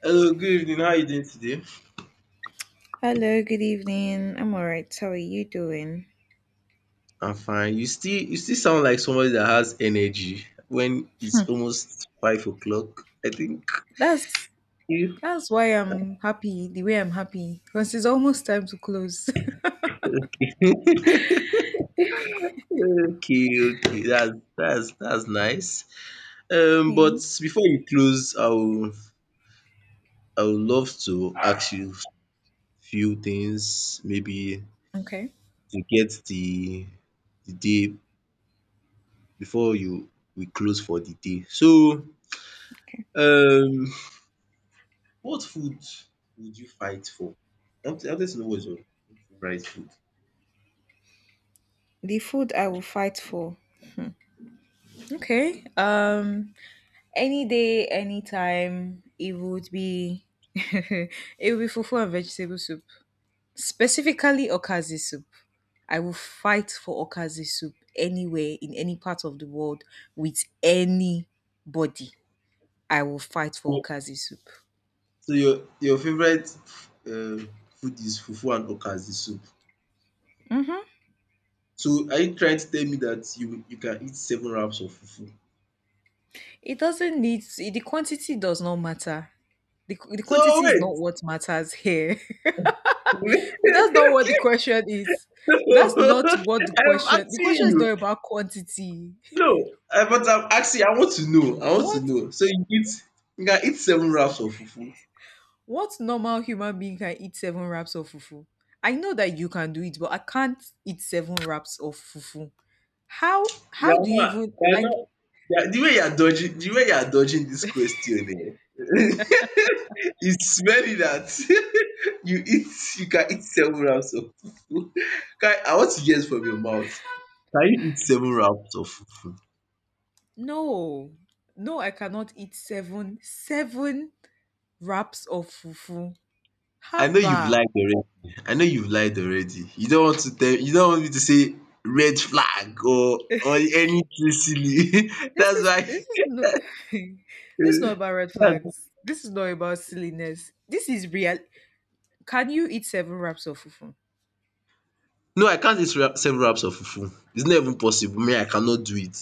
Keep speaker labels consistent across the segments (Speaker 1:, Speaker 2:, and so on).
Speaker 1: Hello, good evening. How are you doing today?
Speaker 2: Hello, good evening. I'm all right. How are you doing?
Speaker 1: I'm fine. You still sound like somebody that has energy when it's
Speaker 2: Hmm,
Speaker 1: almost 5 o'clock, I think.
Speaker 2: That's
Speaker 1: You-
Speaker 2: that's why I'm happy the way I'm happy because it's almost time to close.
Speaker 1: okay, okay. That's nice. Um,
Speaker 2: Yeah.
Speaker 1: but before you close, I would love to ask you few things, maybe
Speaker 2: Okay.
Speaker 1: to get the day before you we close for the day. So
Speaker 2: Okay.
Speaker 1: um what food would you fight for? I wanted to know what is your favorite food.
Speaker 2: The food I will fight for. Okay. Any day, anytime, it would be. It would be fufu and vegetable soup, specifically okazi soup. I will fight for okazi soup anywhere in any part of the world with anybody. I will fight for
Speaker 1: Oh.
Speaker 2: okazi soup.
Speaker 1: So your favorite um food is fufu and okazi soup.
Speaker 2: Mm-hmm.
Speaker 1: So are you trying to tell me that you can eat seven wraps of fufu?
Speaker 2: It doesn't need the quantity does not matter. The
Speaker 1: So
Speaker 2: quantity is not
Speaker 1: wait,
Speaker 2: what matters here.
Speaker 1: wait
Speaker 2: That's not what the question is. That's not what the
Speaker 1: I'm
Speaker 2: question. The
Speaker 1: asking
Speaker 2: question is not
Speaker 1: you.
Speaker 2: about quantity.
Speaker 1: No, I but I'm asking, I want to know, I want to
Speaker 2: What
Speaker 1: know. So you can eat seven wraps of fufu?
Speaker 2: what normal human being can eat seven wraps of fufu? I know that you can do it, but I can't eat seven wraps of fufu. How
Speaker 1: You
Speaker 2: how
Speaker 1: are
Speaker 2: do you
Speaker 1: not
Speaker 2: even
Speaker 1: you are
Speaker 2: like
Speaker 1: not you are the way you are dodging, the way you are dodging this question, eh? It's very that you eat you can eat seven rounds of fufu. Can I want to hear it from your mouth. Can you eat seven rounds of fufu?
Speaker 2: no, no, I cannot eat seven wraps of fufu.
Speaker 1: I know you've
Speaker 2: Haba.
Speaker 1: lied already. I know you've lied already. You don't want me to say red flag or anything silly.
Speaker 2: This
Speaker 1: That's
Speaker 2: is
Speaker 1: why.
Speaker 2: this is no. This is not about red flags. This is not about silliness. This is real. Can you eat seven wraps of fufu?
Speaker 1: No, I can't eat several wraps of fufu, it's not even possible. Me, I cannot do it.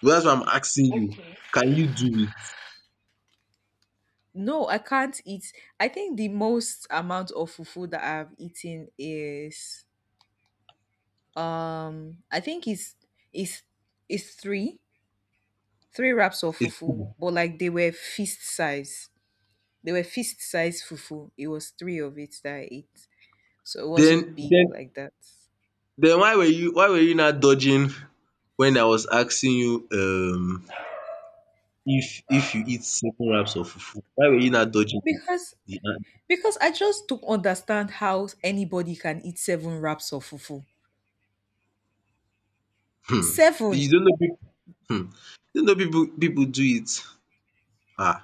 Speaker 1: But that's why I'm asking you, can you do
Speaker 2: No, I can't eat. I think the most amount of fufu that I've eaten is, I think it's, is is three wraps of
Speaker 1: it?
Speaker 2: fufu, but like they were fist size. They were fist size fufu. It was three of it that I ate, so it wasn't
Speaker 1: Den
Speaker 2: big
Speaker 1: den
Speaker 2: like that
Speaker 1: why were you, why were you now dodging wen I was asking you, if you eat several wraps of fufu, why were you now dodging
Speaker 2: because
Speaker 1: the
Speaker 2: because I just don't understand how anybody can eat seven wraps of fufu.
Speaker 1: um you
Speaker 2: Seven!
Speaker 1: don't know, um you don't know, people do it, um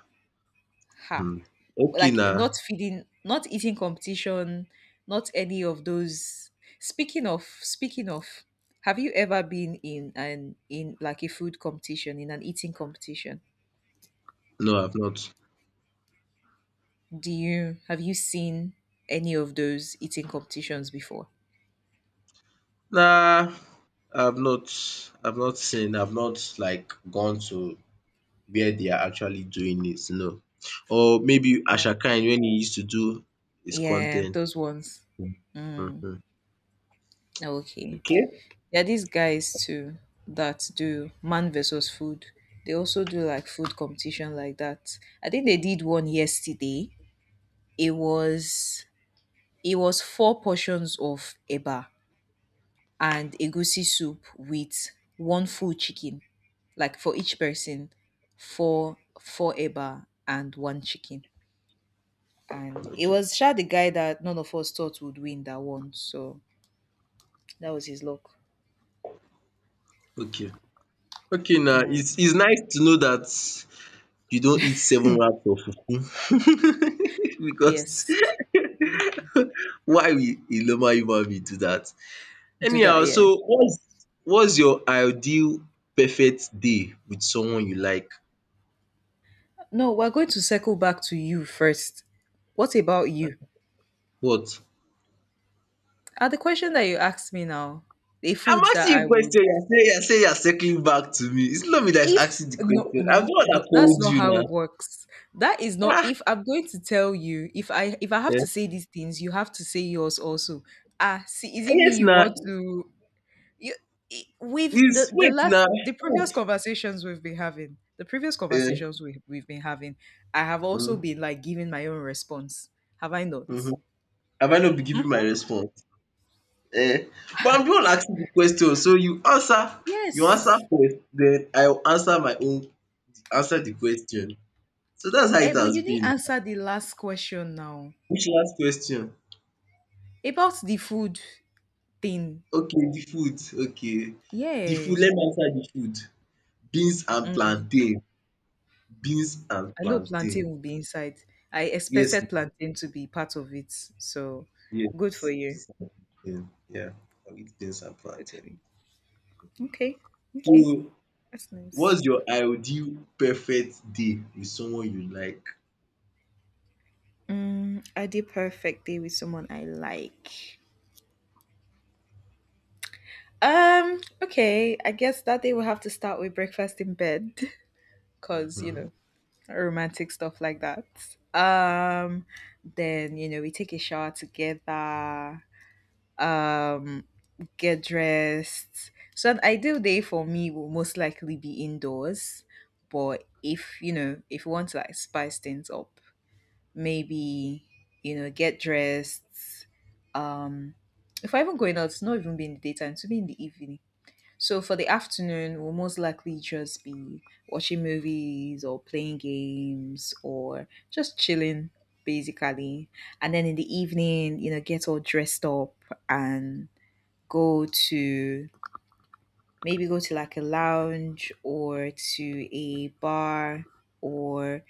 Speaker 2: Ha!
Speaker 1: okay
Speaker 2: Like
Speaker 1: na.
Speaker 2: not feeding, not eating competition, not any of those. Speaking of, have you ever been in an in like, a food competition, in an eating competition?
Speaker 1: No, I have not.
Speaker 2: Do you Have you seen any of those eating competitions before?
Speaker 1: Nah, I've not. I've not seen. I've not like gone to where they are actually doing it. No, or maybe
Speaker 2: Oh,
Speaker 1: Ashakine when he used to do his
Speaker 2: yeah,
Speaker 1: content.
Speaker 2: those ones. Mm,
Speaker 1: Mm-hmm.
Speaker 2: okay.
Speaker 1: Okay.
Speaker 2: There are these guys too that do man versus food. They also do like food competition like that. I think they did one yesterday. It was it was four portions of eba and egusi soup with one full chicken, like for each person, four eba and one chicken. And it
Speaker 1: Okay.
Speaker 2: was sure the guy that none of us thought would win that one. So that was his luck.
Speaker 1: Okay. Okay. Now
Speaker 2: Mm.
Speaker 1: it's nice to know that you don't eat seven wraps of fufu because
Speaker 2: Yes,
Speaker 1: why will a normal human being do that?
Speaker 2: do that.
Speaker 1: Anyhow,
Speaker 2: Yeah.
Speaker 1: so what's your ideal perfect day with someone you like?
Speaker 2: No, we're going to circle back to you first. What about you?
Speaker 1: What?
Speaker 2: The question that you asked me now, a
Speaker 1: I'm
Speaker 2: food that
Speaker 1: asking
Speaker 2: I
Speaker 1: you a
Speaker 2: would,
Speaker 1: question. You're saying you're circling back to me. It's not me that is
Speaker 2: if
Speaker 1: asking the
Speaker 2: no,
Speaker 1: question. I'm the
Speaker 2: no,
Speaker 1: one
Speaker 2: no,
Speaker 1: that
Speaker 2: that's
Speaker 1: called
Speaker 2: not
Speaker 1: you
Speaker 2: how it
Speaker 1: now.
Speaker 2: works. That is not.
Speaker 1: Ah,
Speaker 2: If I'm going to tell you, if I have to
Speaker 1: eh,
Speaker 2: say these things, you have to say yours also. Ah, see, is it me
Speaker 1: yes
Speaker 2: you
Speaker 1: now.
Speaker 2: want to? You, I- we've
Speaker 1: It's
Speaker 2: the
Speaker 1: wait
Speaker 2: last
Speaker 1: now.
Speaker 2: the previous conversations we've been having, the previous
Speaker 1: Eh,
Speaker 2: conversations we we've been having, I have also
Speaker 1: mm,
Speaker 2: been like giving my own response. Have I not?
Speaker 1: mhm. Have I not been giving my
Speaker 2: Mhm.
Speaker 1: response? Eh, but I'm the one asking the question. So you answer. You answer
Speaker 2: Yes.
Speaker 1: first. Then I will answer my own. Answer the question. So that's how
Speaker 2: Eh,
Speaker 1: it
Speaker 2: but
Speaker 1: has
Speaker 2: you didn't
Speaker 1: been.
Speaker 2: answer the last question now
Speaker 1: Which last question?
Speaker 2: about the food thing.
Speaker 1: Okay, the food. Okay, the food.
Speaker 2: Yeah.
Speaker 1: Let me answer the food. Beans and plantain. Beans and
Speaker 2: I know plantain
Speaker 1: plantain.
Speaker 2: will be inside. I
Speaker 1: Yes,
Speaker 2: expected plantain to be part of it. So good for
Speaker 1: yes.
Speaker 2: you.
Speaker 1: Beans and plantain. Yeah, I'll eat beans and
Speaker 2: Good
Speaker 1: plantain.
Speaker 2: for you. Okay. Okay.
Speaker 1: So,
Speaker 2: That's nice.
Speaker 1: what's your ideal perfect day with someone you like?
Speaker 2: Mm, I did perfect day with someone I like. Okay, I guess that day will have to start with breakfast in bed. Cause, you know,
Speaker 1: Mhm.
Speaker 2: romantic stuff like that. Um, then we take a shower together, um, get dressed. So an ideal day for me will most likely be indoors, but if you want to, like, spice things up, maybe get dressed. Um, if I even going out, it's not even be in the daytime, to be in the evening. So for the afternoon, we'll most likely just be watching movies or playing games or just chilling, basically. And then in the evening, get all dressed up and go to maybe go to, like, a lounge or to a bar or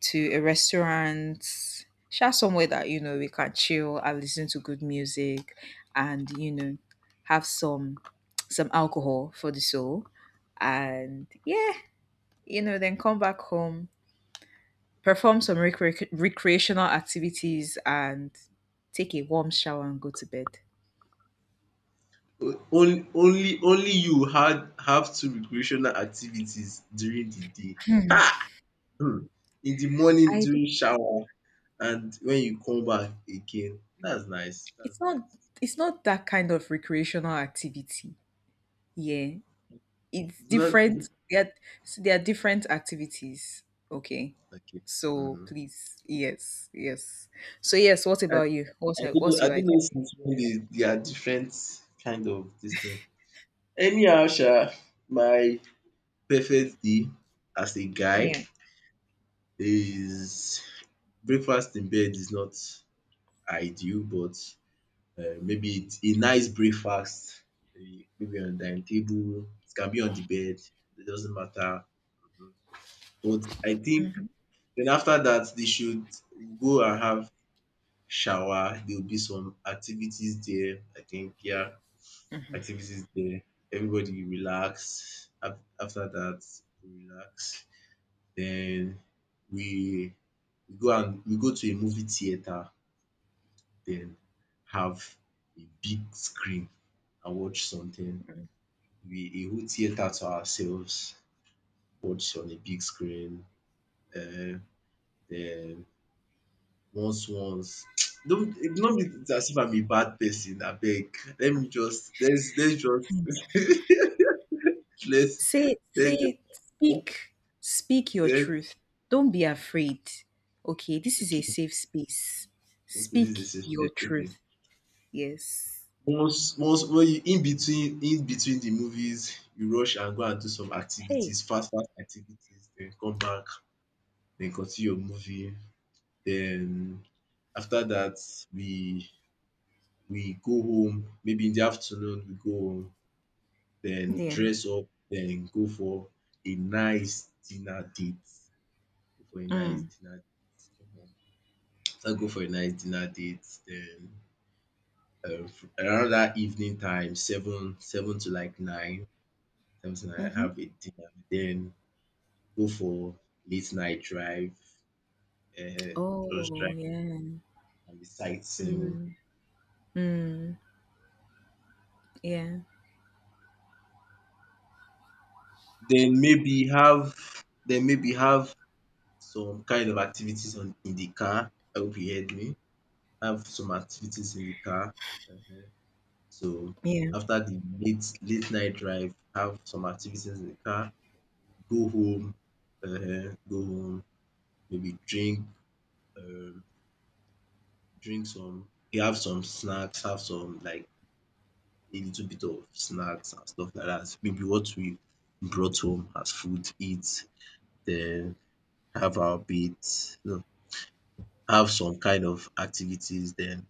Speaker 2: to a restaurant, share somewhere that we can chill and listen to good music, and have some alcohol for the soul, and yeah, then come back home, perform some recreational activities, and take a warm shower and go to bed.
Speaker 1: O- Only, only you had have two recreational activities during the day.
Speaker 2: Hmm.
Speaker 1: Hmm. In the morning
Speaker 2: I don't,
Speaker 1: during shower and when you come back again. That's nice.
Speaker 2: it's
Speaker 1: That's
Speaker 2: not
Speaker 1: nice.
Speaker 2: it's not that kind of recreational activity. Yeah, it's
Speaker 1: It's not
Speaker 2: different there, so there are different activities. Okay,
Speaker 1: okay.
Speaker 2: so
Speaker 1: Mm-hmm.
Speaker 2: please, yes, yes, so yes, what about you? what's
Speaker 1: I don't know
Speaker 2: what's
Speaker 1: I
Speaker 2: your
Speaker 1: don't know
Speaker 2: idea?
Speaker 1: since wen dey they are different kind of dis thing. Anyhow sha, my perfect day as a guy
Speaker 2: Yeah.
Speaker 1: is breakfast in bed is not ideal, but maybe it's a nice breakfast, maybe on the dining table, it can be on the bed, it doesn't matter, um but I think
Speaker 2: Mhm.
Speaker 1: then after that they should go and have shower, there will be some activities there, I think. Yeah,
Speaker 2: Mhm.
Speaker 1: activities there. Everybody relax. Af- After that, we relax. Then we we go to a movie theater. Then have a big screen and watch something.
Speaker 2: Mhm.
Speaker 1: We a whole theater to ourselves. Watch on a big screen. Um, then once don't it me be as if I'm a bad person abeg. Let me just let's just let's
Speaker 2: Say,
Speaker 1: let's
Speaker 2: say,
Speaker 1: just
Speaker 2: speak, speak your
Speaker 1: let's
Speaker 2: truth. Don't be afraid. Okay, this is a
Speaker 1: okay,
Speaker 2: safe space.
Speaker 1: okay,
Speaker 2: Speak
Speaker 1: this is a
Speaker 2: your
Speaker 1: suspect, okay.
Speaker 2: truth. Yes.
Speaker 1: Once when you in between the movies, you rush and go and do some
Speaker 2: Hey.
Speaker 1: activities, fast activities, then come back, then continue your movie. Then after that we we go home, maybe in the afternoon we go home, then
Speaker 2: Yeah.
Speaker 1: dress up, then go for a nice dinner date. Go for a nice
Speaker 2: Mm.
Speaker 1: dinner. Mhm. After go for a nice dinner date, then f- around that evening time, seven to nine,
Speaker 2: Hmm.
Speaker 1: have a dinner, then go for late night drive, uh, just
Speaker 2: Oh,
Speaker 1: drive
Speaker 2: yeah.
Speaker 1: and be sightseeing.
Speaker 2: Mm. Mm. Yeah,
Speaker 1: Then maybe have then maybe have some kind of activities on in the car. I hope you heard me. Have some activities in the car. uh So
Speaker 2: yeah.
Speaker 1: after the late night drive, have some activities in the car. Go home. Go home. Maybe drink. um Drink some, you have some snacks, have some like a little bit of snacks and stuff like that. Maybe what we brought home as food, eat, then have our bath, no, have some kind of activities, then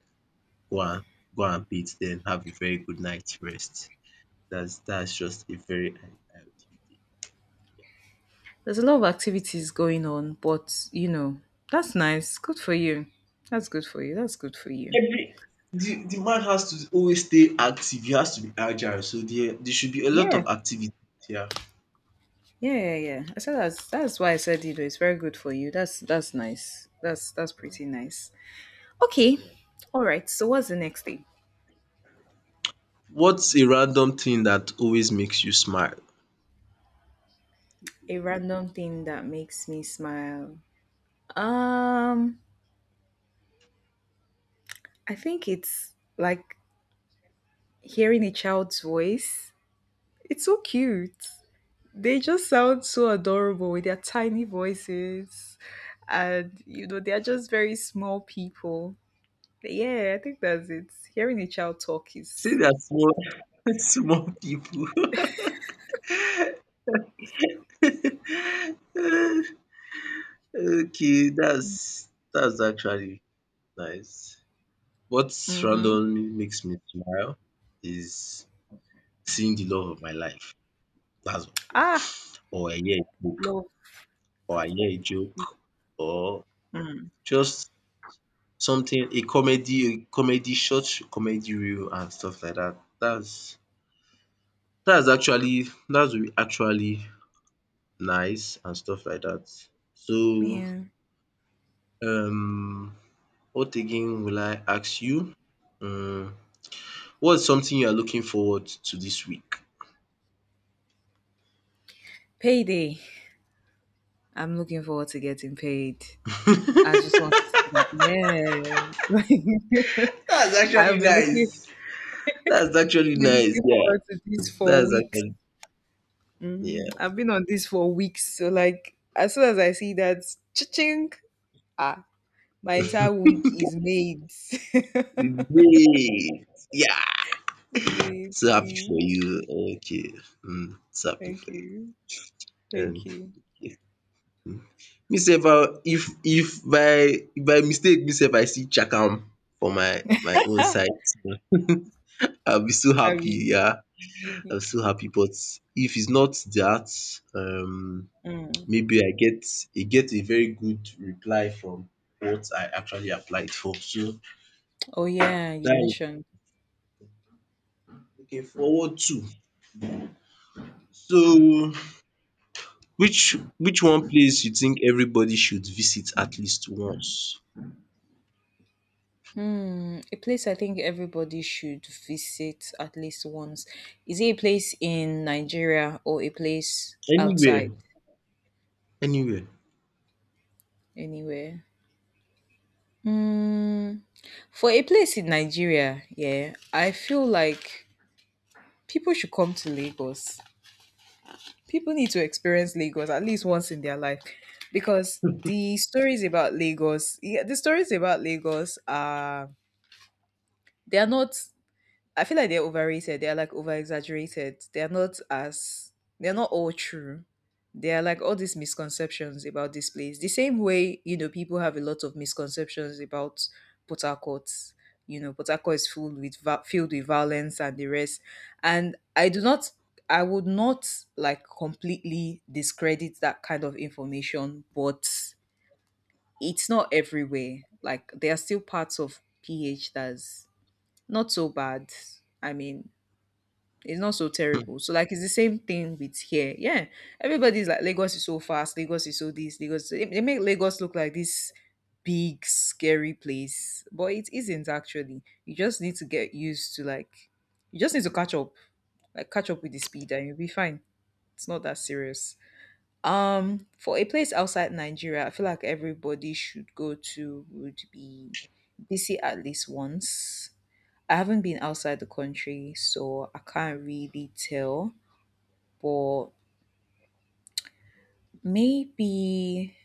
Speaker 1: go and go and bath, then have a very good night rest. That's just a very ideal day. Yeah,
Speaker 2: There's a lot of
Speaker 1: that's
Speaker 2: activities going on, but that's nice. Good for you. That's good for you. That's good for you.
Speaker 1: maybe the man has to always stay active, he has to be agile, so there should be a lot
Speaker 2: Yeah.
Speaker 1: of activity, activities.
Speaker 2: Yeah, yeah, yeah. I said that's why I said it's very good for you. That's nice. That's pretty nice. Okay.
Speaker 1: Yeah.
Speaker 2: All right. So what's the next thing?
Speaker 1: What's a random thing that always makes you smile?
Speaker 2: A random thing that makes me smile. Um, I think it's like hearing a child's voice. It's so cute. They just sound so adorable with their tiny voices, and they are just very small people. Yeah, I think that's it. Hearing a child talk
Speaker 1: See
Speaker 2: is.
Speaker 1: that small small people. Okay, that's actually nice. What
Speaker 2: Mm-hmm.
Speaker 1: randomly makes me smile is seeing the love of my life. That's
Speaker 2: Ah,
Speaker 1: all. Or I hear a joke,
Speaker 2: love.
Speaker 1: or I hear a joke, or just something, a comedy short comedy reel and stuff like that. That's actually nice and stuff like that. So,
Speaker 2: Yeah,
Speaker 1: um, what again will I ask you? Um, what's something you are looking forward to this week?
Speaker 2: payday. I'm looking forward to getting paid. I just want to see that. Yeah,
Speaker 1: That's
Speaker 2: I've
Speaker 1: actually nice. That's actually
Speaker 2: been
Speaker 1: nice.
Speaker 2: looking forward
Speaker 1: Yeah,
Speaker 2: to this for
Speaker 1: that's
Speaker 2: weeks.
Speaker 1: actually, yeah.
Speaker 2: Mm, I've been on this for weeks. So like as soon as I see that, cha-ching. Ah. My entire week is made.
Speaker 1: Great. Yeah,
Speaker 2: Made,
Speaker 1: so happy for
Speaker 2: please.
Speaker 1: you. Okay, mm, so happy
Speaker 2: Thank
Speaker 1: for you.
Speaker 2: you. Thank
Speaker 1: Um,
Speaker 2: you.
Speaker 1: yeah. Me sef, if by by mistake me sef I see Chakam for my own
Speaker 2: I
Speaker 1: site, I'll be so happy.
Speaker 2: mean,
Speaker 1: Yeah. I'm still happy. But if it's not that, um,
Speaker 2: mm.
Speaker 1: maybe I get a very good reply from what I actually applied for. So
Speaker 2: Oh, yeah, you
Speaker 1: that I'm
Speaker 2: mentioned.
Speaker 1: looking forward to. So which one place you think everybody should visit at least once?
Speaker 2: Hmm, a place I think everybody should visit at least once. Is it a place in Nigeria or a place
Speaker 1: Anywhere.
Speaker 2: outside?
Speaker 1: Anywhere.
Speaker 2: Anywhere? Hmm. For a place in Nigeria, yeah, I feel like people should come to Lagos. People need to experience Lagos at least once in their life, because the stories about Lagos, yeah, the stories about Lagos are, they are not, I feel like they're overrated. They're like over exaggerated. They're not all true. There are like all these misconceptions about this place. The same way, people have a lot of misconceptions about Port Harcourt. Port Harcourt is filled with filled with violence and the rest. And I would not, like, completely discredit that kind of information, but it's not everywhere. Like there are still parts of PH that's not so bad. I mean, it's not so terrible. So like it's the same thing with here. Yeah. Everybody's like Lagos is so fast, Lagos is so this, Lagos, they make Lagos look like this big scary place. But it isn't actually. You just need to get used to, like, you just need to catch up. Like, catch up with the speed and you'll be fine. It's not that serious. For a place outside Nigeria, I feel like everybody should go to, would be DC at least once. I haven't been outside the country, so I can't really tell. But maybe,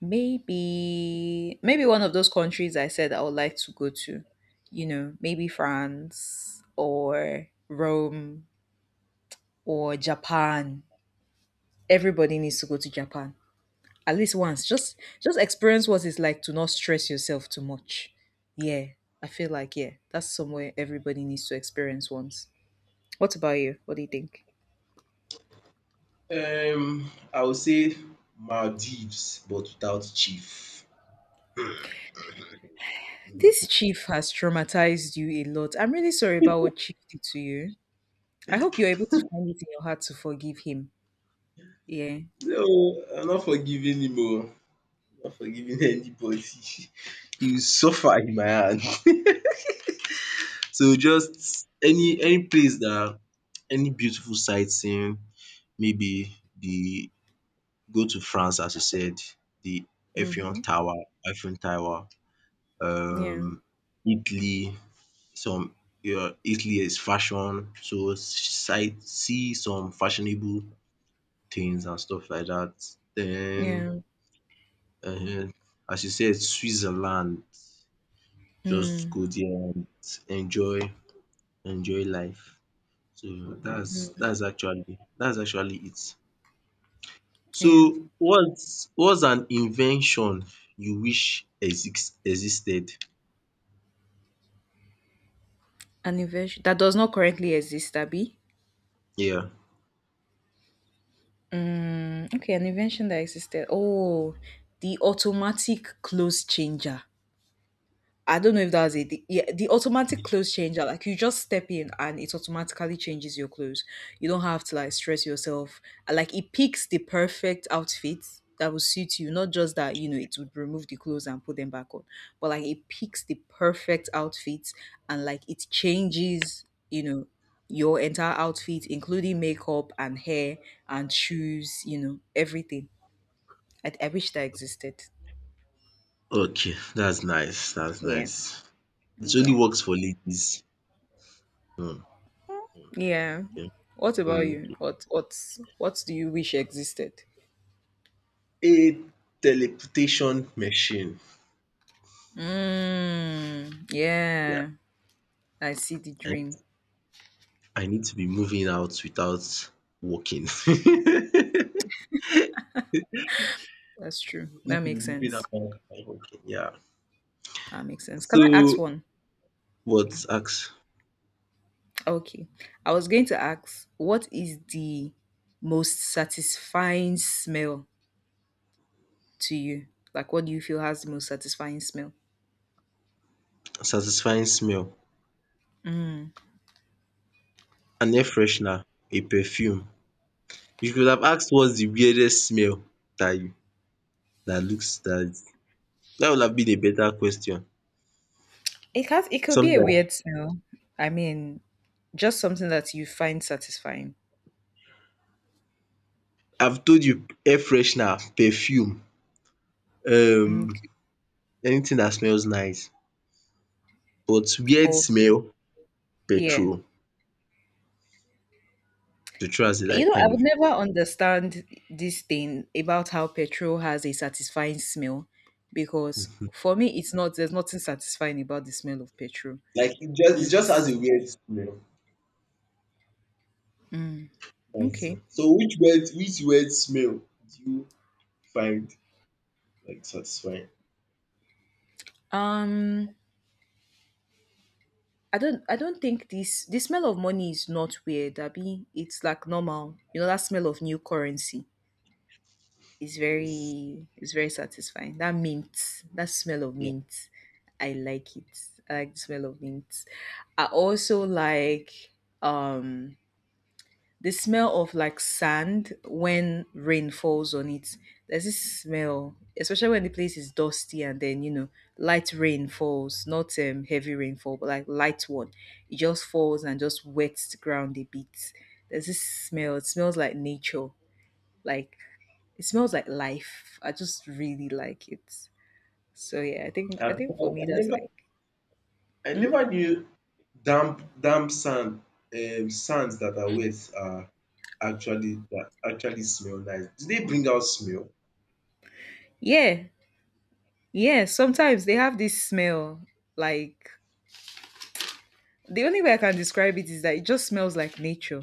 Speaker 2: maybe one of those countries I said I would like to go to, maybe France or Rome or Japan. Everybody needs to go to Japan at least once. Just experience what it's like to not stress yourself too much. Yeah, I feel like yeah, that's somewhere everybody needs to experience once. What about you? What do you think?
Speaker 1: I would say Maldives, but without chief.
Speaker 2: This chief has traumatized you a lot. I'm really sorry about what chief did to you. I hope you're able to find it in your heart to forgive him. Yeah.
Speaker 1: No, I'm not forgiving him oh. I'm not forgiving anybody. He will suffer in my hand. So just any place that, any beautiful sightseeing, maybe the go to France as you said, the
Speaker 2: Mm-hmm.
Speaker 1: Eiffel Tower,
Speaker 2: Yeah.
Speaker 1: um Italy, some, yeah, Italy is fashion, so sight see some fashionable things and stuff like that. Then
Speaker 2: Yeah.
Speaker 1: um as you said Switzerland, just
Speaker 2: Mm.
Speaker 1: go there and enjoy enjoy life. So that's actually it.
Speaker 2: Yeah.
Speaker 1: So what's an invention you wish existed?
Speaker 2: An invention that does not currently exist, Abby.
Speaker 1: Yeah.
Speaker 2: Mm. Okay, an invention that existed. Oh, the automatic clothes changer. I don't know if that's it. The, yeah, the automatic clothes changer, like you just step in and it automatically changes your clothes. You don't have to like stress yourself. And, like, it picks the perfect outfit that will suit you. Not just that, it would remove the clothes and put them back on, but like it picks the perfect outfit and like it changes, you know, your entire outfit, including makeup and hair and shoes, everything. I wish that existed.
Speaker 1: Okay, that's nice. That's
Speaker 2: Yeah.
Speaker 1: nice. It only
Speaker 2: Yeah.
Speaker 1: works for ladies. Hmm.
Speaker 2: Yeah.
Speaker 1: Okay.
Speaker 2: What about
Speaker 1: Mm.
Speaker 2: you? What do you wish existed?
Speaker 1: A teleportation machine.
Speaker 2: Mm,
Speaker 1: Yeah.
Speaker 2: yeah. I see the
Speaker 1: I,
Speaker 2: dream.
Speaker 1: I need to be moving out without walking.
Speaker 2: That's true. That
Speaker 1: Need to be
Speaker 2: makes
Speaker 1: moving
Speaker 2: sense.
Speaker 1: out without walking. Yeah.
Speaker 2: That makes sense.
Speaker 1: So
Speaker 2: Can I ask one?
Speaker 1: what ask
Speaker 2: Okay. I was going to ask, what is the most satisfying smell to you? Like what do you feel has the most satisfying smell?
Speaker 1: satisfying smell. An air freshener, a perfume. You could have asked what's the weirdest smell that you that that would have been a better question.
Speaker 2: It could be
Speaker 1: Something
Speaker 2: a
Speaker 1: like
Speaker 2: weird smell. I mean, just something that you find satisfying.
Speaker 1: I've told you, air freshener, perfume, um
Speaker 2: Okay.
Speaker 1: anything that smells nice. But weird
Speaker 2: Okay.
Speaker 1: smell,
Speaker 2: Yeah.
Speaker 1: petrol. Petrol has a like
Speaker 2: I
Speaker 1: kind
Speaker 2: would
Speaker 1: of,
Speaker 2: never understand this thing about how petrol has a satisfying smell because for me it's not there's nothing satisfying about the smell of petrol.
Speaker 1: like it just has
Speaker 2: It's
Speaker 1: a weird smell. That's
Speaker 2: okay.
Speaker 1: all. So which weird smell do you find like satisfying?
Speaker 2: Um I don't think this the smell of money is not weird, Abby. It's like normal. You know that smell of new currency is
Speaker 1: Yes.
Speaker 2: very satisfying. That mint, that smell of
Speaker 1: Yeah.
Speaker 2: mint. I like it. I like the smell of mint. I also like um the smell of like sand when rain falls on it. There's this smell, especially when the place is dusty and then you know light rain falls, not heavy rainfall, but like light one. It just falls and just wets the ground a bit. There's this smell. It smells like nature. Like it smells like life. I just really like it. So yeah, I think I
Speaker 1: I've
Speaker 2: think for me
Speaker 1: I've
Speaker 2: that's
Speaker 1: never
Speaker 2: like,
Speaker 1: I
Speaker 2: hmm?
Speaker 1: never knew damp sand, sands that are wet are actually that actually smell nice. Do they bring out smell?
Speaker 2: Yeah, yeah. Sometimes they have this smell like the only way I can describe it is that it just smells like nature.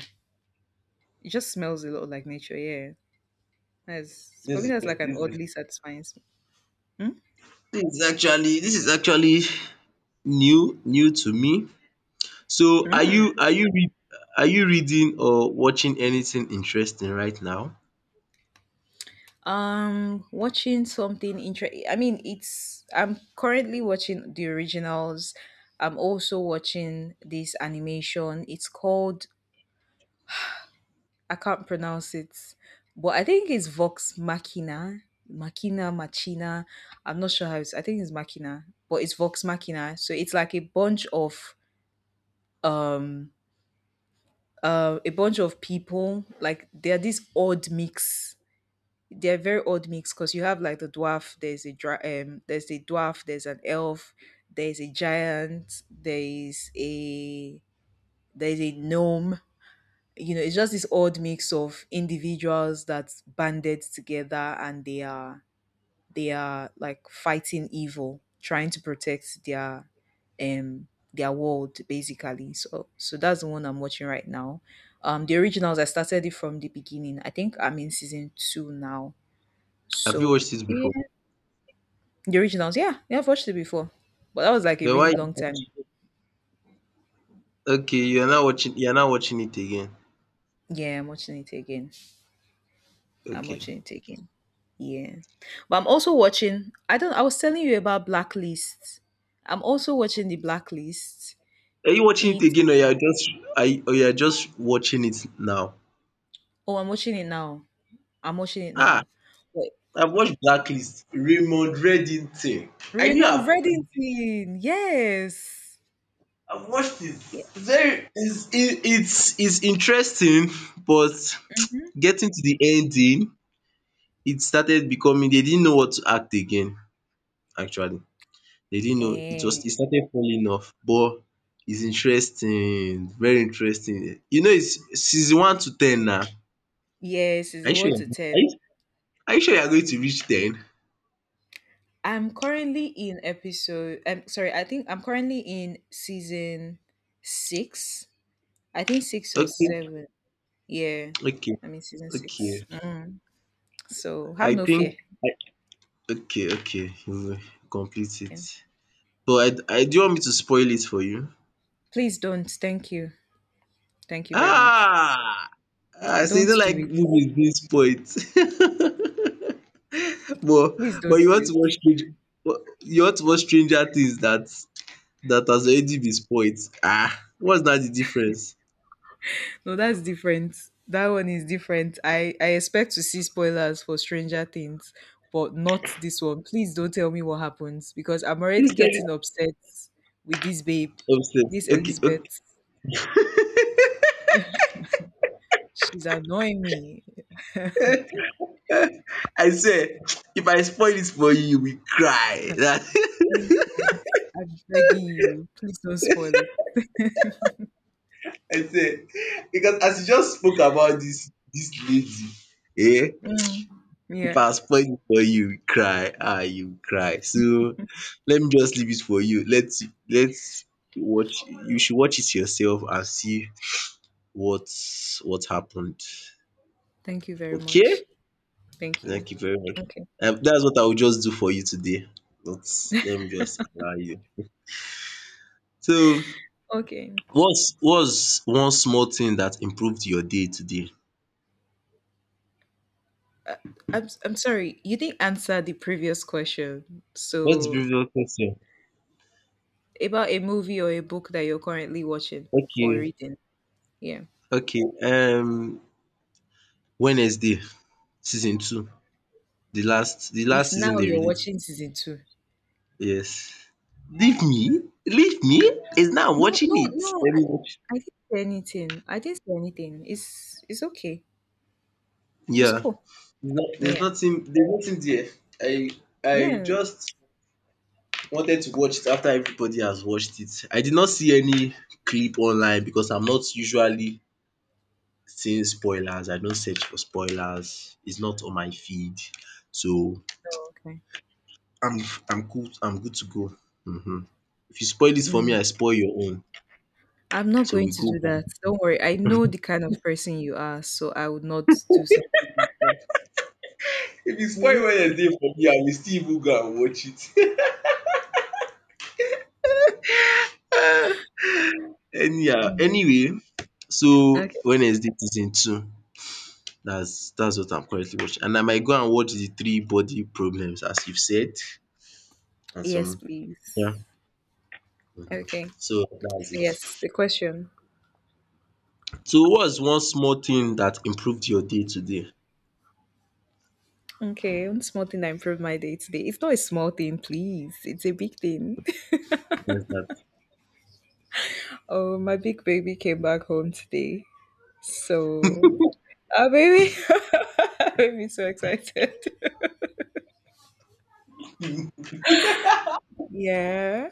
Speaker 2: It just smells a lot like nature. Yeah, that's for
Speaker 1: This
Speaker 2: me.
Speaker 1: is
Speaker 2: That's
Speaker 1: the
Speaker 2: like an
Speaker 1: this is the
Speaker 2: oddly satisfying smell. Hmm?
Speaker 1: This is actually, this is actually new to me. So are you are you reading or watching anything interesting right now?
Speaker 2: Watching something interesting. I mean, it's I'm currently watching The Originals. I'm also watching this animation. It's called, I can't pronounce it, but I think it's Vox Machina, Machina. I'm not sure how it's. I think it's Machina, but it's Vox Machina. So it's like um a bunch of people. Like they are this odd mix. They are very odd mix because you have like the dwarf. There's a there's a dwarf. There's an elf. There's a giant. There's a gnome. You know, it's just this odd mix of individuals that's banded together, and they are like fighting evil, trying to protect their world basically. So that's the one I'm watching right now. The Originals, I started it from the beginning. I think I'm in season two now.
Speaker 1: Have you
Speaker 2: So
Speaker 1: watched it
Speaker 2: yeah.
Speaker 1: before?
Speaker 2: The Originals, yeah, yeah, I've watched it before. But that was like a
Speaker 1: Then
Speaker 2: really
Speaker 1: why?
Speaker 2: long time ago.
Speaker 1: Okay, you are not watching. You are not watching it again.
Speaker 2: Yeah, I'm watching it again. I'm
Speaker 1: Okay.
Speaker 2: watching it again. Yeah. But I'm also watching, I don't I was telling you about Blacklist. I'm also watching the Blacklist.
Speaker 1: Are you watching it
Speaker 2: It
Speaker 1: again or you are just watching it now?
Speaker 2: Oh, I'm watching it now. I'm watching it
Speaker 1: Ah,
Speaker 2: now. Wait,
Speaker 1: I've watched Blacklist, Raymond Reddington. I knew
Speaker 2: Raymond Reddington. Yes.
Speaker 1: I've watched it.
Speaker 2: Yeah.
Speaker 1: Very it's interesting, but
Speaker 2: Hmm.
Speaker 1: getting to the ending, it started becoming, they didn't know what to act again, actually. They didn't know, it
Speaker 2: Eh,
Speaker 1: was, it started falling off, but it's interesting, very interesting. You know it's season one to ten now. Are
Speaker 2: yes, is it
Speaker 1: you sure
Speaker 2: one to
Speaker 1: you're, are
Speaker 2: ten.
Speaker 1: you, are you sure you're going to reach ten?
Speaker 2: I'm currently in episode. I'm sorry. I think I'm currently in season six. I think six or
Speaker 1: Okay,
Speaker 2: seven. Yeah,
Speaker 1: okay,
Speaker 2: I'm in season six.
Speaker 1: okay.
Speaker 2: Mm. So have
Speaker 1: I
Speaker 2: no fear.
Speaker 1: think okay, okay, you complete
Speaker 2: Yeah.
Speaker 1: it. But I do, you want me to spoil it for you?
Speaker 2: Please don't. Thank you. Thank you very much.
Speaker 1: Ah! Ah, so you don't
Speaker 2: Don't do
Speaker 1: like
Speaker 2: it.
Speaker 1: movies this point. But
Speaker 2: Please don't
Speaker 1: you
Speaker 2: do
Speaker 1: want to watch
Speaker 2: it.
Speaker 1: Stranger you want to watch Stranger Things that that has already been spoiled. Ah, what's that the difference?
Speaker 2: No, that's different. That one is different. I expect to see spoilers for Stranger Things, but not this one. Please don't tell me what happens because I'm already
Speaker 1: Instead
Speaker 2: getting upset with this babe, this
Speaker 1: obsessed. Okay,
Speaker 2: Elizabeth. She's annoying me.
Speaker 1: okay. I say, if I spoil it for you, we will cry.
Speaker 2: Please don't. I'm begging you. Please don't spoil it.
Speaker 1: I say because as you just spoke about this lady, eh?
Speaker 2: Mm.
Speaker 1: If
Speaker 2: Yeah.
Speaker 1: I spoil it for you, you cry. Ah, you cry. So let me just leave it for you. Let's watch. You should watch it yourself and see what what happened.
Speaker 2: Thank you very much.
Speaker 1: Okay?
Speaker 2: Thank you.
Speaker 1: Thank you very much.
Speaker 2: Okay.
Speaker 1: That's what I will just do for you today. But let me just allow you. So,
Speaker 2: Okay.
Speaker 1: what's one small thing that improved your day today?
Speaker 2: Uh, I'm sorry. You didn't answer the previous question.
Speaker 1: What's the
Speaker 2: So
Speaker 1: previous question?
Speaker 2: about a movie or a book that you're currently watching or
Speaker 1: Okay.
Speaker 2: reading. Yeah.
Speaker 1: Okay, um, Wednesday season two, the last the
Speaker 2: It's
Speaker 1: last
Speaker 2: now
Speaker 1: season they
Speaker 2: you're
Speaker 1: released.
Speaker 2: watching season two.
Speaker 1: Yes. Leave me? Leave me? It's now I'm
Speaker 2: No,
Speaker 1: watching
Speaker 2: no,
Speaker 1: it.
Speaker 2: no.
Speaker 1: Let me
Speaker 2: I,
Speaker 1: watch.
Speaker 2: I didn't say anything. I didn't say anything. It's okay. It's
Speaker 1: Yeah.
Speaker 2: cool. Yeah.
Speaker 1: There's nothing there. I I
Speaker 2: Yeah.
Speaker 1: just wanted to watch it after everybody has watched it. I did not see any clip online because I'm not usually seeing spoilers. I don't search for spoilers. It's not on my feed. So
Speaker 2: Oh, okay.
Speaker 1: I'm I'm good to go. hmm If you spoil it for me,
Speaker 2: Mm.
Speaker 1: I spoil your own.
Speaker 2: I'm not
Speaker 1: So
Speaker 2: going
Speaker 1: we
Speaker 2: to
Speaker 1: go
Speaker 2: do
Speaker 1: back.
Speaker 2: that. Don't worry. I know the kind of person you are, so I would not do something like that.
Speaker 1: If you
Speaker 2: It's
Speaker 1: spoil
Speaker 2: okay.
Speaker 1: Wednesday for me, I will still even go and watch it.
Speaker 2: Mm.
Speaker 1: Anyway, so
Speaker 2: Okay.
Speaker 1: Wednesday season two. That's what I'm currently watching. And I might go and watch the three body problems as you've said. And
Speaker 2: Yes,
Speaker 1: some yeah.
Speaker 2: please. Okay.
Speaker 1: So
Speaker 2: So
Speaker 1: that's
Speaker 2: yes,
Speaker 1: it.
Speaker 2: the question.
Speaker 1: So what's one small thing that improved your day today?
Speaker 2: Okay, one small thing that improved my day today. It's not a small thing, please. It's a big thing.
Speaker 1: What's that?
Speaker 2: Oh, my big baby came back home today. So, ah, baby, made me so excited. Yeah,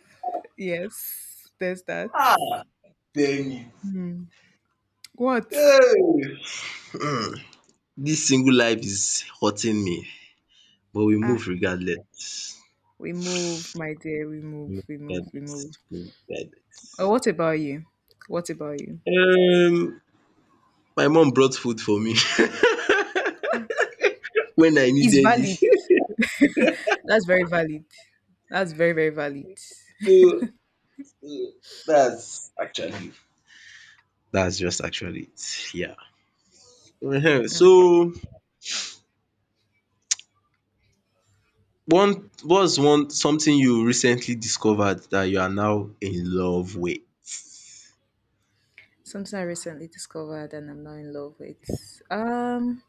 Speaker 2: yes, there's that.
Speaker 1: Ah, damn
Speaker 2: What?
Speaker 1: it. Hey. This single life is hurting me but we
Speaker 2: Ah,
Speaker 1: move regardless.
Speaker 2: we move, my dear. We
Speaker 1: We
Speaker 2: move,
Speaker 1: Move
Speaker 2: we move, we move.
Speaker 1: regardless, we move
Speaker 2: Oh,
Speaker 1: regardless.
Speaker 2: what about you? What about you?
Speaker 1: Um my mom brought food for me
Speaker 2: Ah,
Speaker 1: when I
Speaker 2: it's
Speaker 1: needed
Speaker 2: valid.
Speaker 1: it.
Speaker 2: That's very valid. That's very, very valid.
Speaker 1: So uh, that's actually that's just actually it, yeah. Ehen,
Speaker 2: Yeah.
Speaker 1: so one what's one something you recently discovered that you are now in love with?
Speaker 2: Something I recently discovered and I'm not in love with. Um,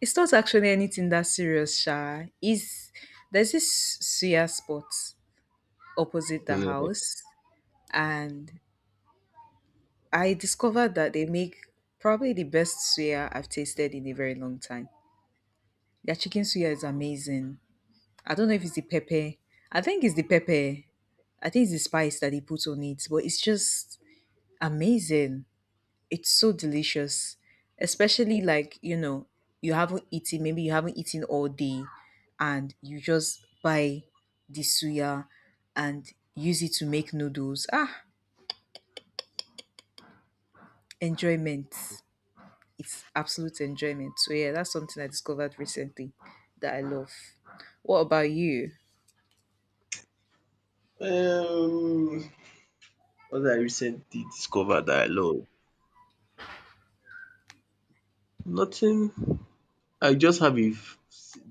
Speaker 2: it's not actually anything that serious, Sha. Is There's this suya spot opposite the
Speaker 1: Mhm.
Speaker 2: house, and I discovered that they make probably the best suya I've tasted in a very long time. Their chicken suya is amazing. I don't know if it's the pepper. I think it's the pepper. I think it's the spice that they put on it, but it's just amazing. It's so delicious, especially like, you know, you haven't eaten, maybe you haven't eaten all day, and you just buy the suya and use it to make noodles. Ah, enjoyment. It's absolute enjoyment. So, yeah, that's something I discovered recently that I love. What about you?
Speaker 1: Um, what I recently discovered that I love? Nothing, I just have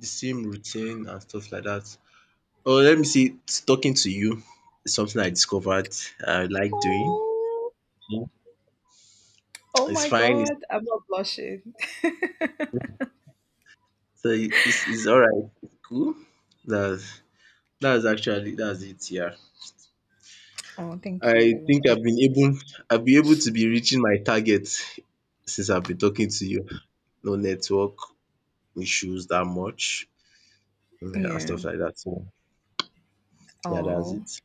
Speaker 1: the same routine and stuff like that. Oh, let me see. Talking to you is something I discovered I like doing.
Speaker 2: Oh,
Speaker 1: Yeah.
Speaker 2: oh
Speaker 1: It's
Speaker 2: my
Speaker 1: fine.
Speaker 2: God, I'm not blushing.
Speaker 1: It's all right. It's cool. That's that's it. Yeah.
Speaker 2: Oh, thank
Speaker 1: I
Speaker 2: you.
Speaker 1: think
Speaker 2: Thank.
Speaker 1: I've been able I've been able to be reaching my target since I've been talking to you. No network issues that much, yeah, and
Speaker 2: Yeah.
Speaker 1: stuff like that. So yeah, that's
Speaker 2: Oh.
Speaker 1: it.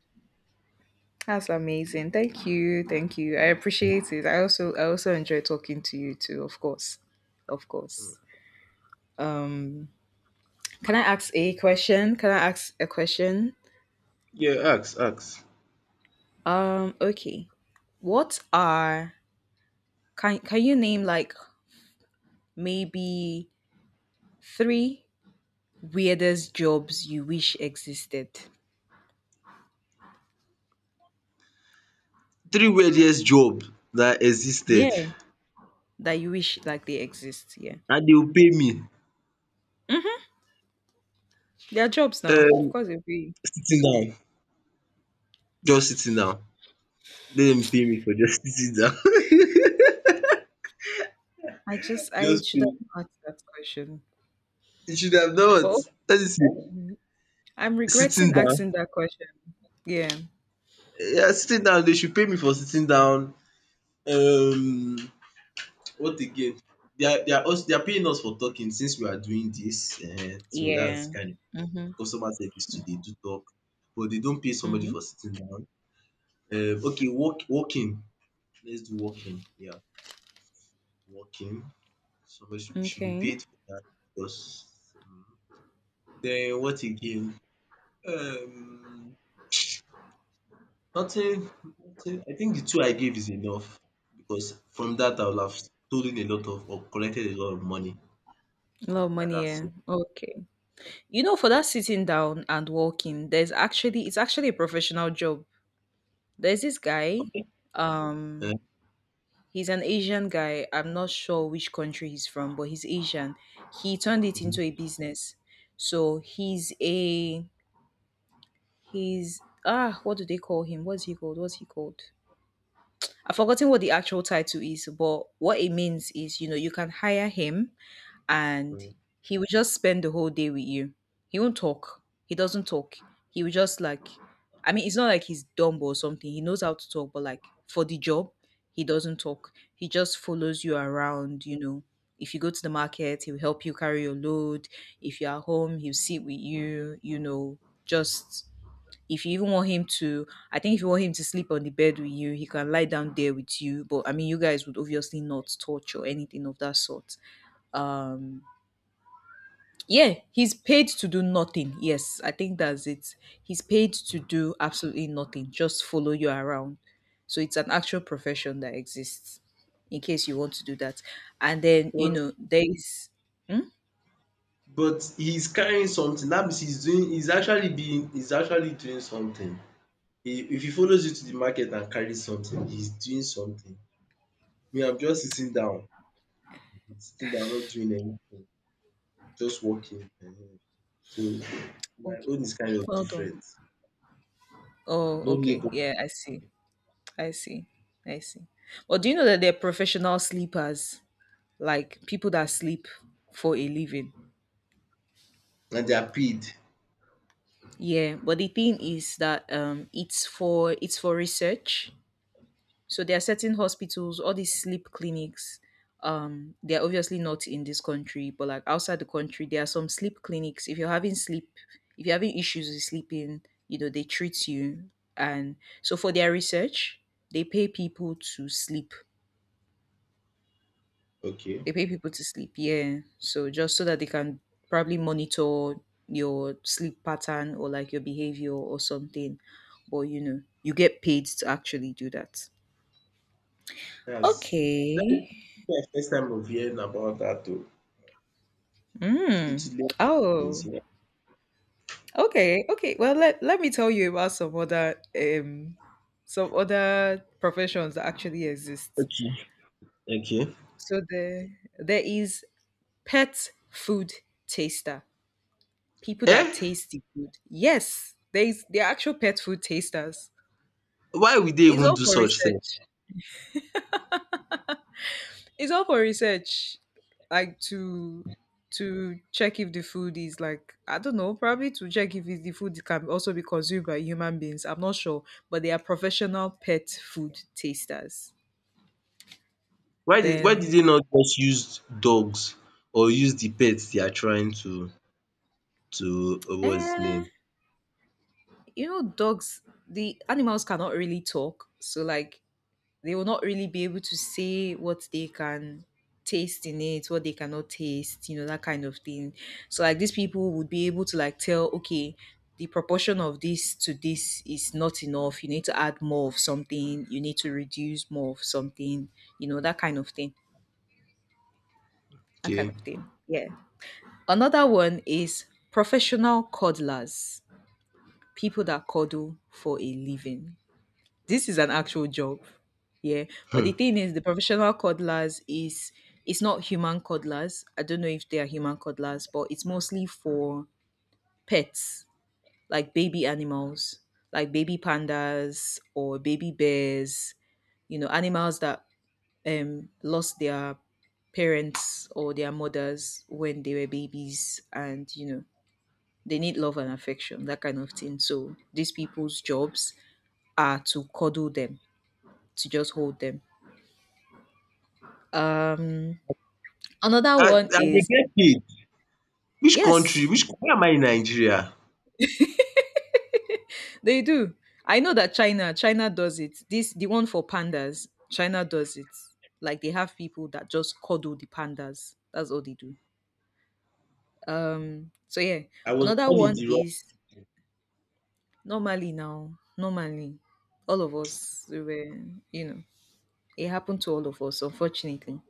Speaker 2: That's amazing. Thank you. Thank you. I appreciate it. I also enjoy talking to you too, of course. Of course. Um, can I ask a question? Can I ask a question?
Speaker 1: Yeah, ask, ask.
Speaker 2: Um, okay. What are Can you name like maybe three weirdest jobs you wish existed?
Speaker 1: Three weirdest job that existed
Speaker 2: Yeah. That you wish like they exist, yeah.
Speaker 1: and they will pay me.
Speaker 2: There are jobs now. Of
Speaker 1: um
Speaker 2: course it will be.
Speaker 1: Sitting down, just sitting down. Let dem pay me for just sitting down.
Speaker 2: I just I
Speaker 1: Just
Speaker 2: should have
Speaker 1: pay.
Speaker 2: asked that question.
Speaker 1: You should have done
Speaker 2: But
Speaker 1: what? Let me see,
Speaker 2: okay. I'm
Speaker 1: sitting
Speaker 2: regretting
Speaker 1: down.
Speaker 2: asking that question. Yeah.
Speaker 1: Yeah, sitting down. They should pay me for sitting down. Um, what again? They are paying us for talking since we are doing this, um, so that's
Speaker 2: Yeah.
Speaker 1: kind of
Speaker 2: Mm-hmm.
Speaker 1: customer service too. They do talk but they don't pay somebody
Speaker 2: Mm-hmm.
Speaker 1: for sitting down. Okay, walking. Let's do walking. Yeah, walking. So we should be
Speaker 2: Okay.
Speaker 1: paid for that because mm, then what again? Um, nothing, nothing. I think the two I gave is enough because from that I will have stolen a lot of or collected a lot of money,
Speaker 2: A lot of
Speaker 1: stuff like
Speaker 2: money,
Speaker 1: that.
Speaker 2: yeah.
Speaker 1: So,
Speaker 2: Okay. You know, for that sitting down and walking, there's actually it's actually a professional job. There's this guy,
Speaker 1: okay. Eh,
Speaker 2: um, he's an Asian guy. I'm not sure which country he's from, but he's Asian. He turned it
Speaker 1: mhm,
Speaker 2: into a business. So he's ah, what do they call him? What's he called? What's he called? I've forgotten what the actual title is, but what it means is, you know, you can hire him and
Speaker 1: mhm.
Speaker 2: he will just spend the whole day with you. He won't talk. He doesn't talk. He will just like, I mean, it's not like he's dumb or something. He knows how to talk, but like for the job, he doesn't talk. He just follows you around, you know. If you go to the market, he'll help you carry your load. If you're at home, he'll sit with you, you know, just if you even want him to, I think if you want him to sleep on the bed with you, he can lie down there with you. But I mean, you guys would obviously not touch or anything of that sort. Um, yeah, he's paid to do nothing. Yes, I think that's it. He's paid to do absolutely nothing, just follow you around. So it's an actual profession that exists in case you want to do that. And then, you
Speaker 1: But
Speaker 2: know, there is. Hmm?
Speaker 1: but he's carrying something. That means he's doing. He's actually being. He's actually doing something. He, if he follows you to the market and carries something, he's doing something. Me, I'm just sitting down, not doing anything. Just working, um. So my
Speaker 2: Okay,
Speaker 1: own is kind of
Speaker 2: hold on.
Speaker 1: different.
Speaker 2: Oh,
Speaker 1: No
Speaker 2: okay.
Speaker 1: labour
Speaker 2: Yeah, I see. I see. I see. Well, do you know that they're professional sleepers, like people that sleep for a living?
Speaker 1: and they are paid.
Speaker 2: Yeah, but the thing is that it's for research. So there are certain hospitals, all these sleep clinics. They're obviously not in this country, but like outside the country, there are some sleep clinics. If you're having issues with sleeping, you know they treat you. And so for their research, they pay people to sleep.
Speaker 1: Okay,
Speaker 2: They pay people to sleep, yeah. So just so that they can probably monitor your sleep pattern or like your behavior or something. But you know, you get paid to actually do that.
Speaker 1: that's dat dis
Speaker 2: Okay.
Speaker 1: my first time of hearing about that, oh. It's good to
Speaker 2: Mm.
Speaker 1: learn things,
Speaker 2: Oh.
Speaker 1: yeah.
Speaker 2: Okay. Okay. Well, let, let me tell you about some other professions that actually exist.
Speaker 1: Okay, okay.
Speaker 2: So there there is pet food taster. People
Speaker 1: Eh?
Speaker 2: that taste the food. Yes, there are actual pet food tasters.
Speaker 1: Why would they
Speaker 2: It's
Speaker 1: even
Speaker 2: all
Speaker 1: do
Speaker 2: for
Speaker 1: such thing?
Speaker 2: research. It's all for research. Like to check if the food is like I don't know, probably to check if it's the food can also be consumed by human beings. I'm not sure, but they are professional pet food tasters.
Speaker 1: Why did
Speaker 2: Then,
Speaker 1: they not just use dogs or use the pets they are trying to what's his
Speaker 2: eh,
Speaker 1: name?
Speaker 2: you know, dogs. The animals cannot really talk, so like they will not really be able to say what they can taste in it, what they cannot taste, you know, that kind of thing. So like these people would be able to like tell, okay, the proportion of this to this is not enough. You need to add more of something. You need to reduce more of something. You know, that kind of thing. That kind
Speaker 1: Okay,
Speaker 2: of thing. Yeah. Another one is professional coddlers, people that coddle for a living. This is an actual job. Yeah. But the
Speaker 1: um,
Speaker 2: thing is the professional codlers is it's not human codlers. I don't know if they are human codlers, but it's mostly for pets, like baby animals, like baby pandas or baby bears, you know, animals that lost their parents or their mothers when they were babies and you know they need love and affection, that kind of thing, so these people's jobs are to cuddle them, to just hold them. Um, another one
Speaker 1: and they
Speaker 2: is
Speaker 1: get paid. Which country,
Speaker 2: yes,
Speaker 1: which, why am I in Nigeria?
Speaker 2: they do. I know that China does it. This the one for pandas. China does it. Like they have people that just cuddle the pandas. That's all they do. So yeah,
Speaker 1: I was
Speaker 2: another
Speaker 1: born in
Speaker 2: one
Speaker 1: the wrong,
Speaker 2: is normally now, normally, all of us we were, you know, it happened to all of us, unfortunately.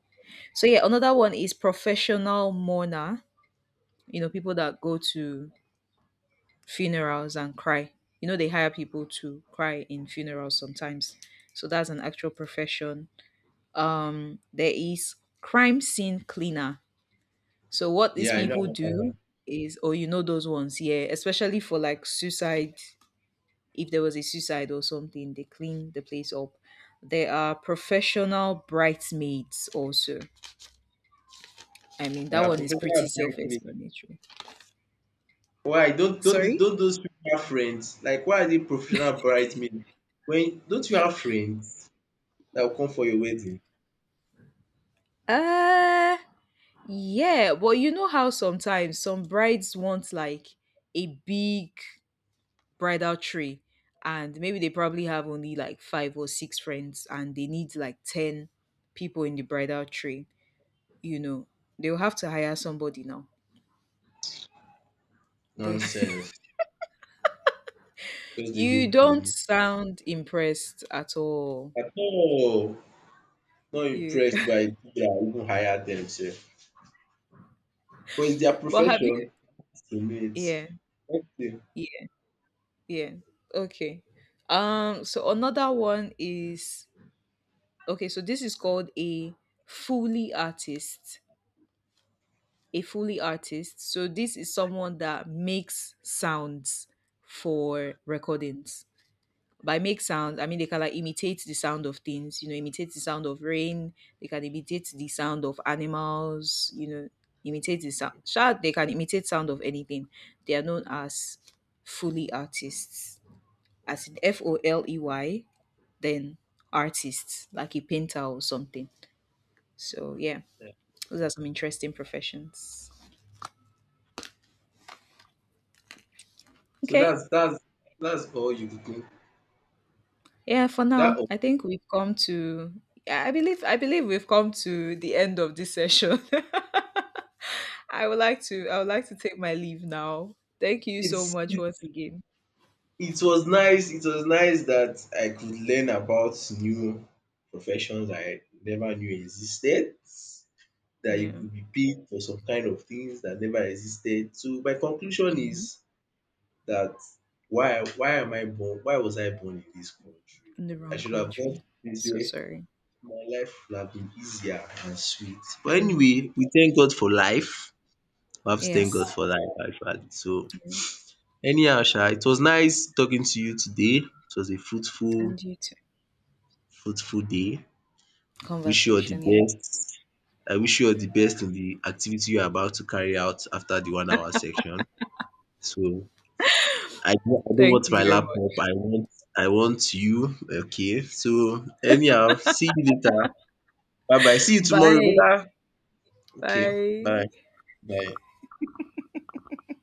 Speaker 2: So yeah, another one is professional mourner. You know, people that go to funerals and cry. You know, they hire people to cry in funerals sometimes. So that's an actual profession. There is crime scene cleaner. So what these
Speaker 1: yeah I
Speaker 2: people
Speaker 1: know.
Speaker 2: do is, oh, you know those ones, yeah, especially for like suicide. If there was a suicide or something, they clean the place up. There are professional bridesmaids also. I mean, that
Speaker 1: Yeah,
Speaker 2: one is pretty
Speaker 1: professional bridesmaid.
Speaker 2: self-explanatory.
Speaker 1: Why don't don't the-
Speaker 2: Sorry?
Speaker 1: don't those people have friends? Like why are they professional bridesmaid? When, don't you have friends that will come for your wedding?
Speaker 2: Uh, yeah, but you know how sometimes some brides want like a big bridal tree, and maybe they probably have only like five or six friends, and they need like 10 people in the bridal tree. You know, they'll have to hire somebody now. They,
Speaker 1: Nonsense. Just the
Speaker 2: you
Speaker 1: waste
Speaker 2: don't
Speaker 1: money.
Speaker 2: sound impressed at all.
Speaker 1: At all. Not
Speaker 2: You,
Speaker 1: impressed by people that even hire them sef. But it's their
Speaker 2: but have you?
Speaker 1: profession to meet.
Speaker 2: Yeah,
Speaker 1: Okay.
Speaker 2: yeah, yeah. Okay. So another one is okay, so this is called a Foley artist. A Foley artist. So this is someone that makes sounds for recordings. By make sounds, I mean they can like imitate the sound of things, you know, imitate the sound of rain, they can imitate the sound of animals, you know, imitate the sound. Sure, they can imitate sound of anything. They are known as Foley artists, as in Foley, then artists, like a painter or something. So yeah, those are some interesting professions.
Speaker 1: So
Speaker 2: Okay.
Speaker 1: that's that's all you do.
Speaker 2: Yeah, for
Speaker 1: Is that
Speaker 2: now,
Speaker 1: all?
Speaker 2: I think we've come to yeah, I believe we've come to the end of this session. I would like to take my leave now. Thank you so
Speaker 1: It's
Speaker 2: much once again.
Speaker 1: It was nice that I could learn about new professions I never knew existed, that you
Speaker 2: Yeah.
Speaker 1: could be paid for some kind of things that never existed. So my conclusion
Speaker 2: Hmm.
Speaker 1: is that why am I born why was I born in this country?
Speaker 2: In the
Speaker 1: I
Speaker 2: wrong
Speaker 1: should have gone
Speaker 2: country.
Speaker 1: this
Speaker 2: So
Speaker 1: way.
Speaker 2: sorry.
Speaker 1: My life would have been easier and sweet. But
Speaker 2: Mm.
Speaker 1: anyway, we thank God for life. We have to thank God
Speaker 2: Yes.
Speaker 1: for life actually. So
Speaker 2: Yeah.
Speaker 1: anyhow sha, it was nice talking to you today. It was a
Speaker 2: And you too.
Speaker 1: fruitful day. Wish you all the
Speaker 2: Conversation, yeah.
Speaker 1: best. I wish you all the best in the activity you are about to carry out after the 1 hour section. So I don't
Speaker 2: Thank
Speaker 1: want
Speaker 2: you
Speaker 1: my
Speaker 2: very
Speaker 1: laptop.
Speaker 2: much.
Speaker 1: I want you. Okay. So anyhow, see you later. Bye bye. See you tomorrow.
Speaker 2: Bye.
Speaker 1: Bye. Okay. Bye.
Speaker 2: Bye.
Speaker 1: Bye.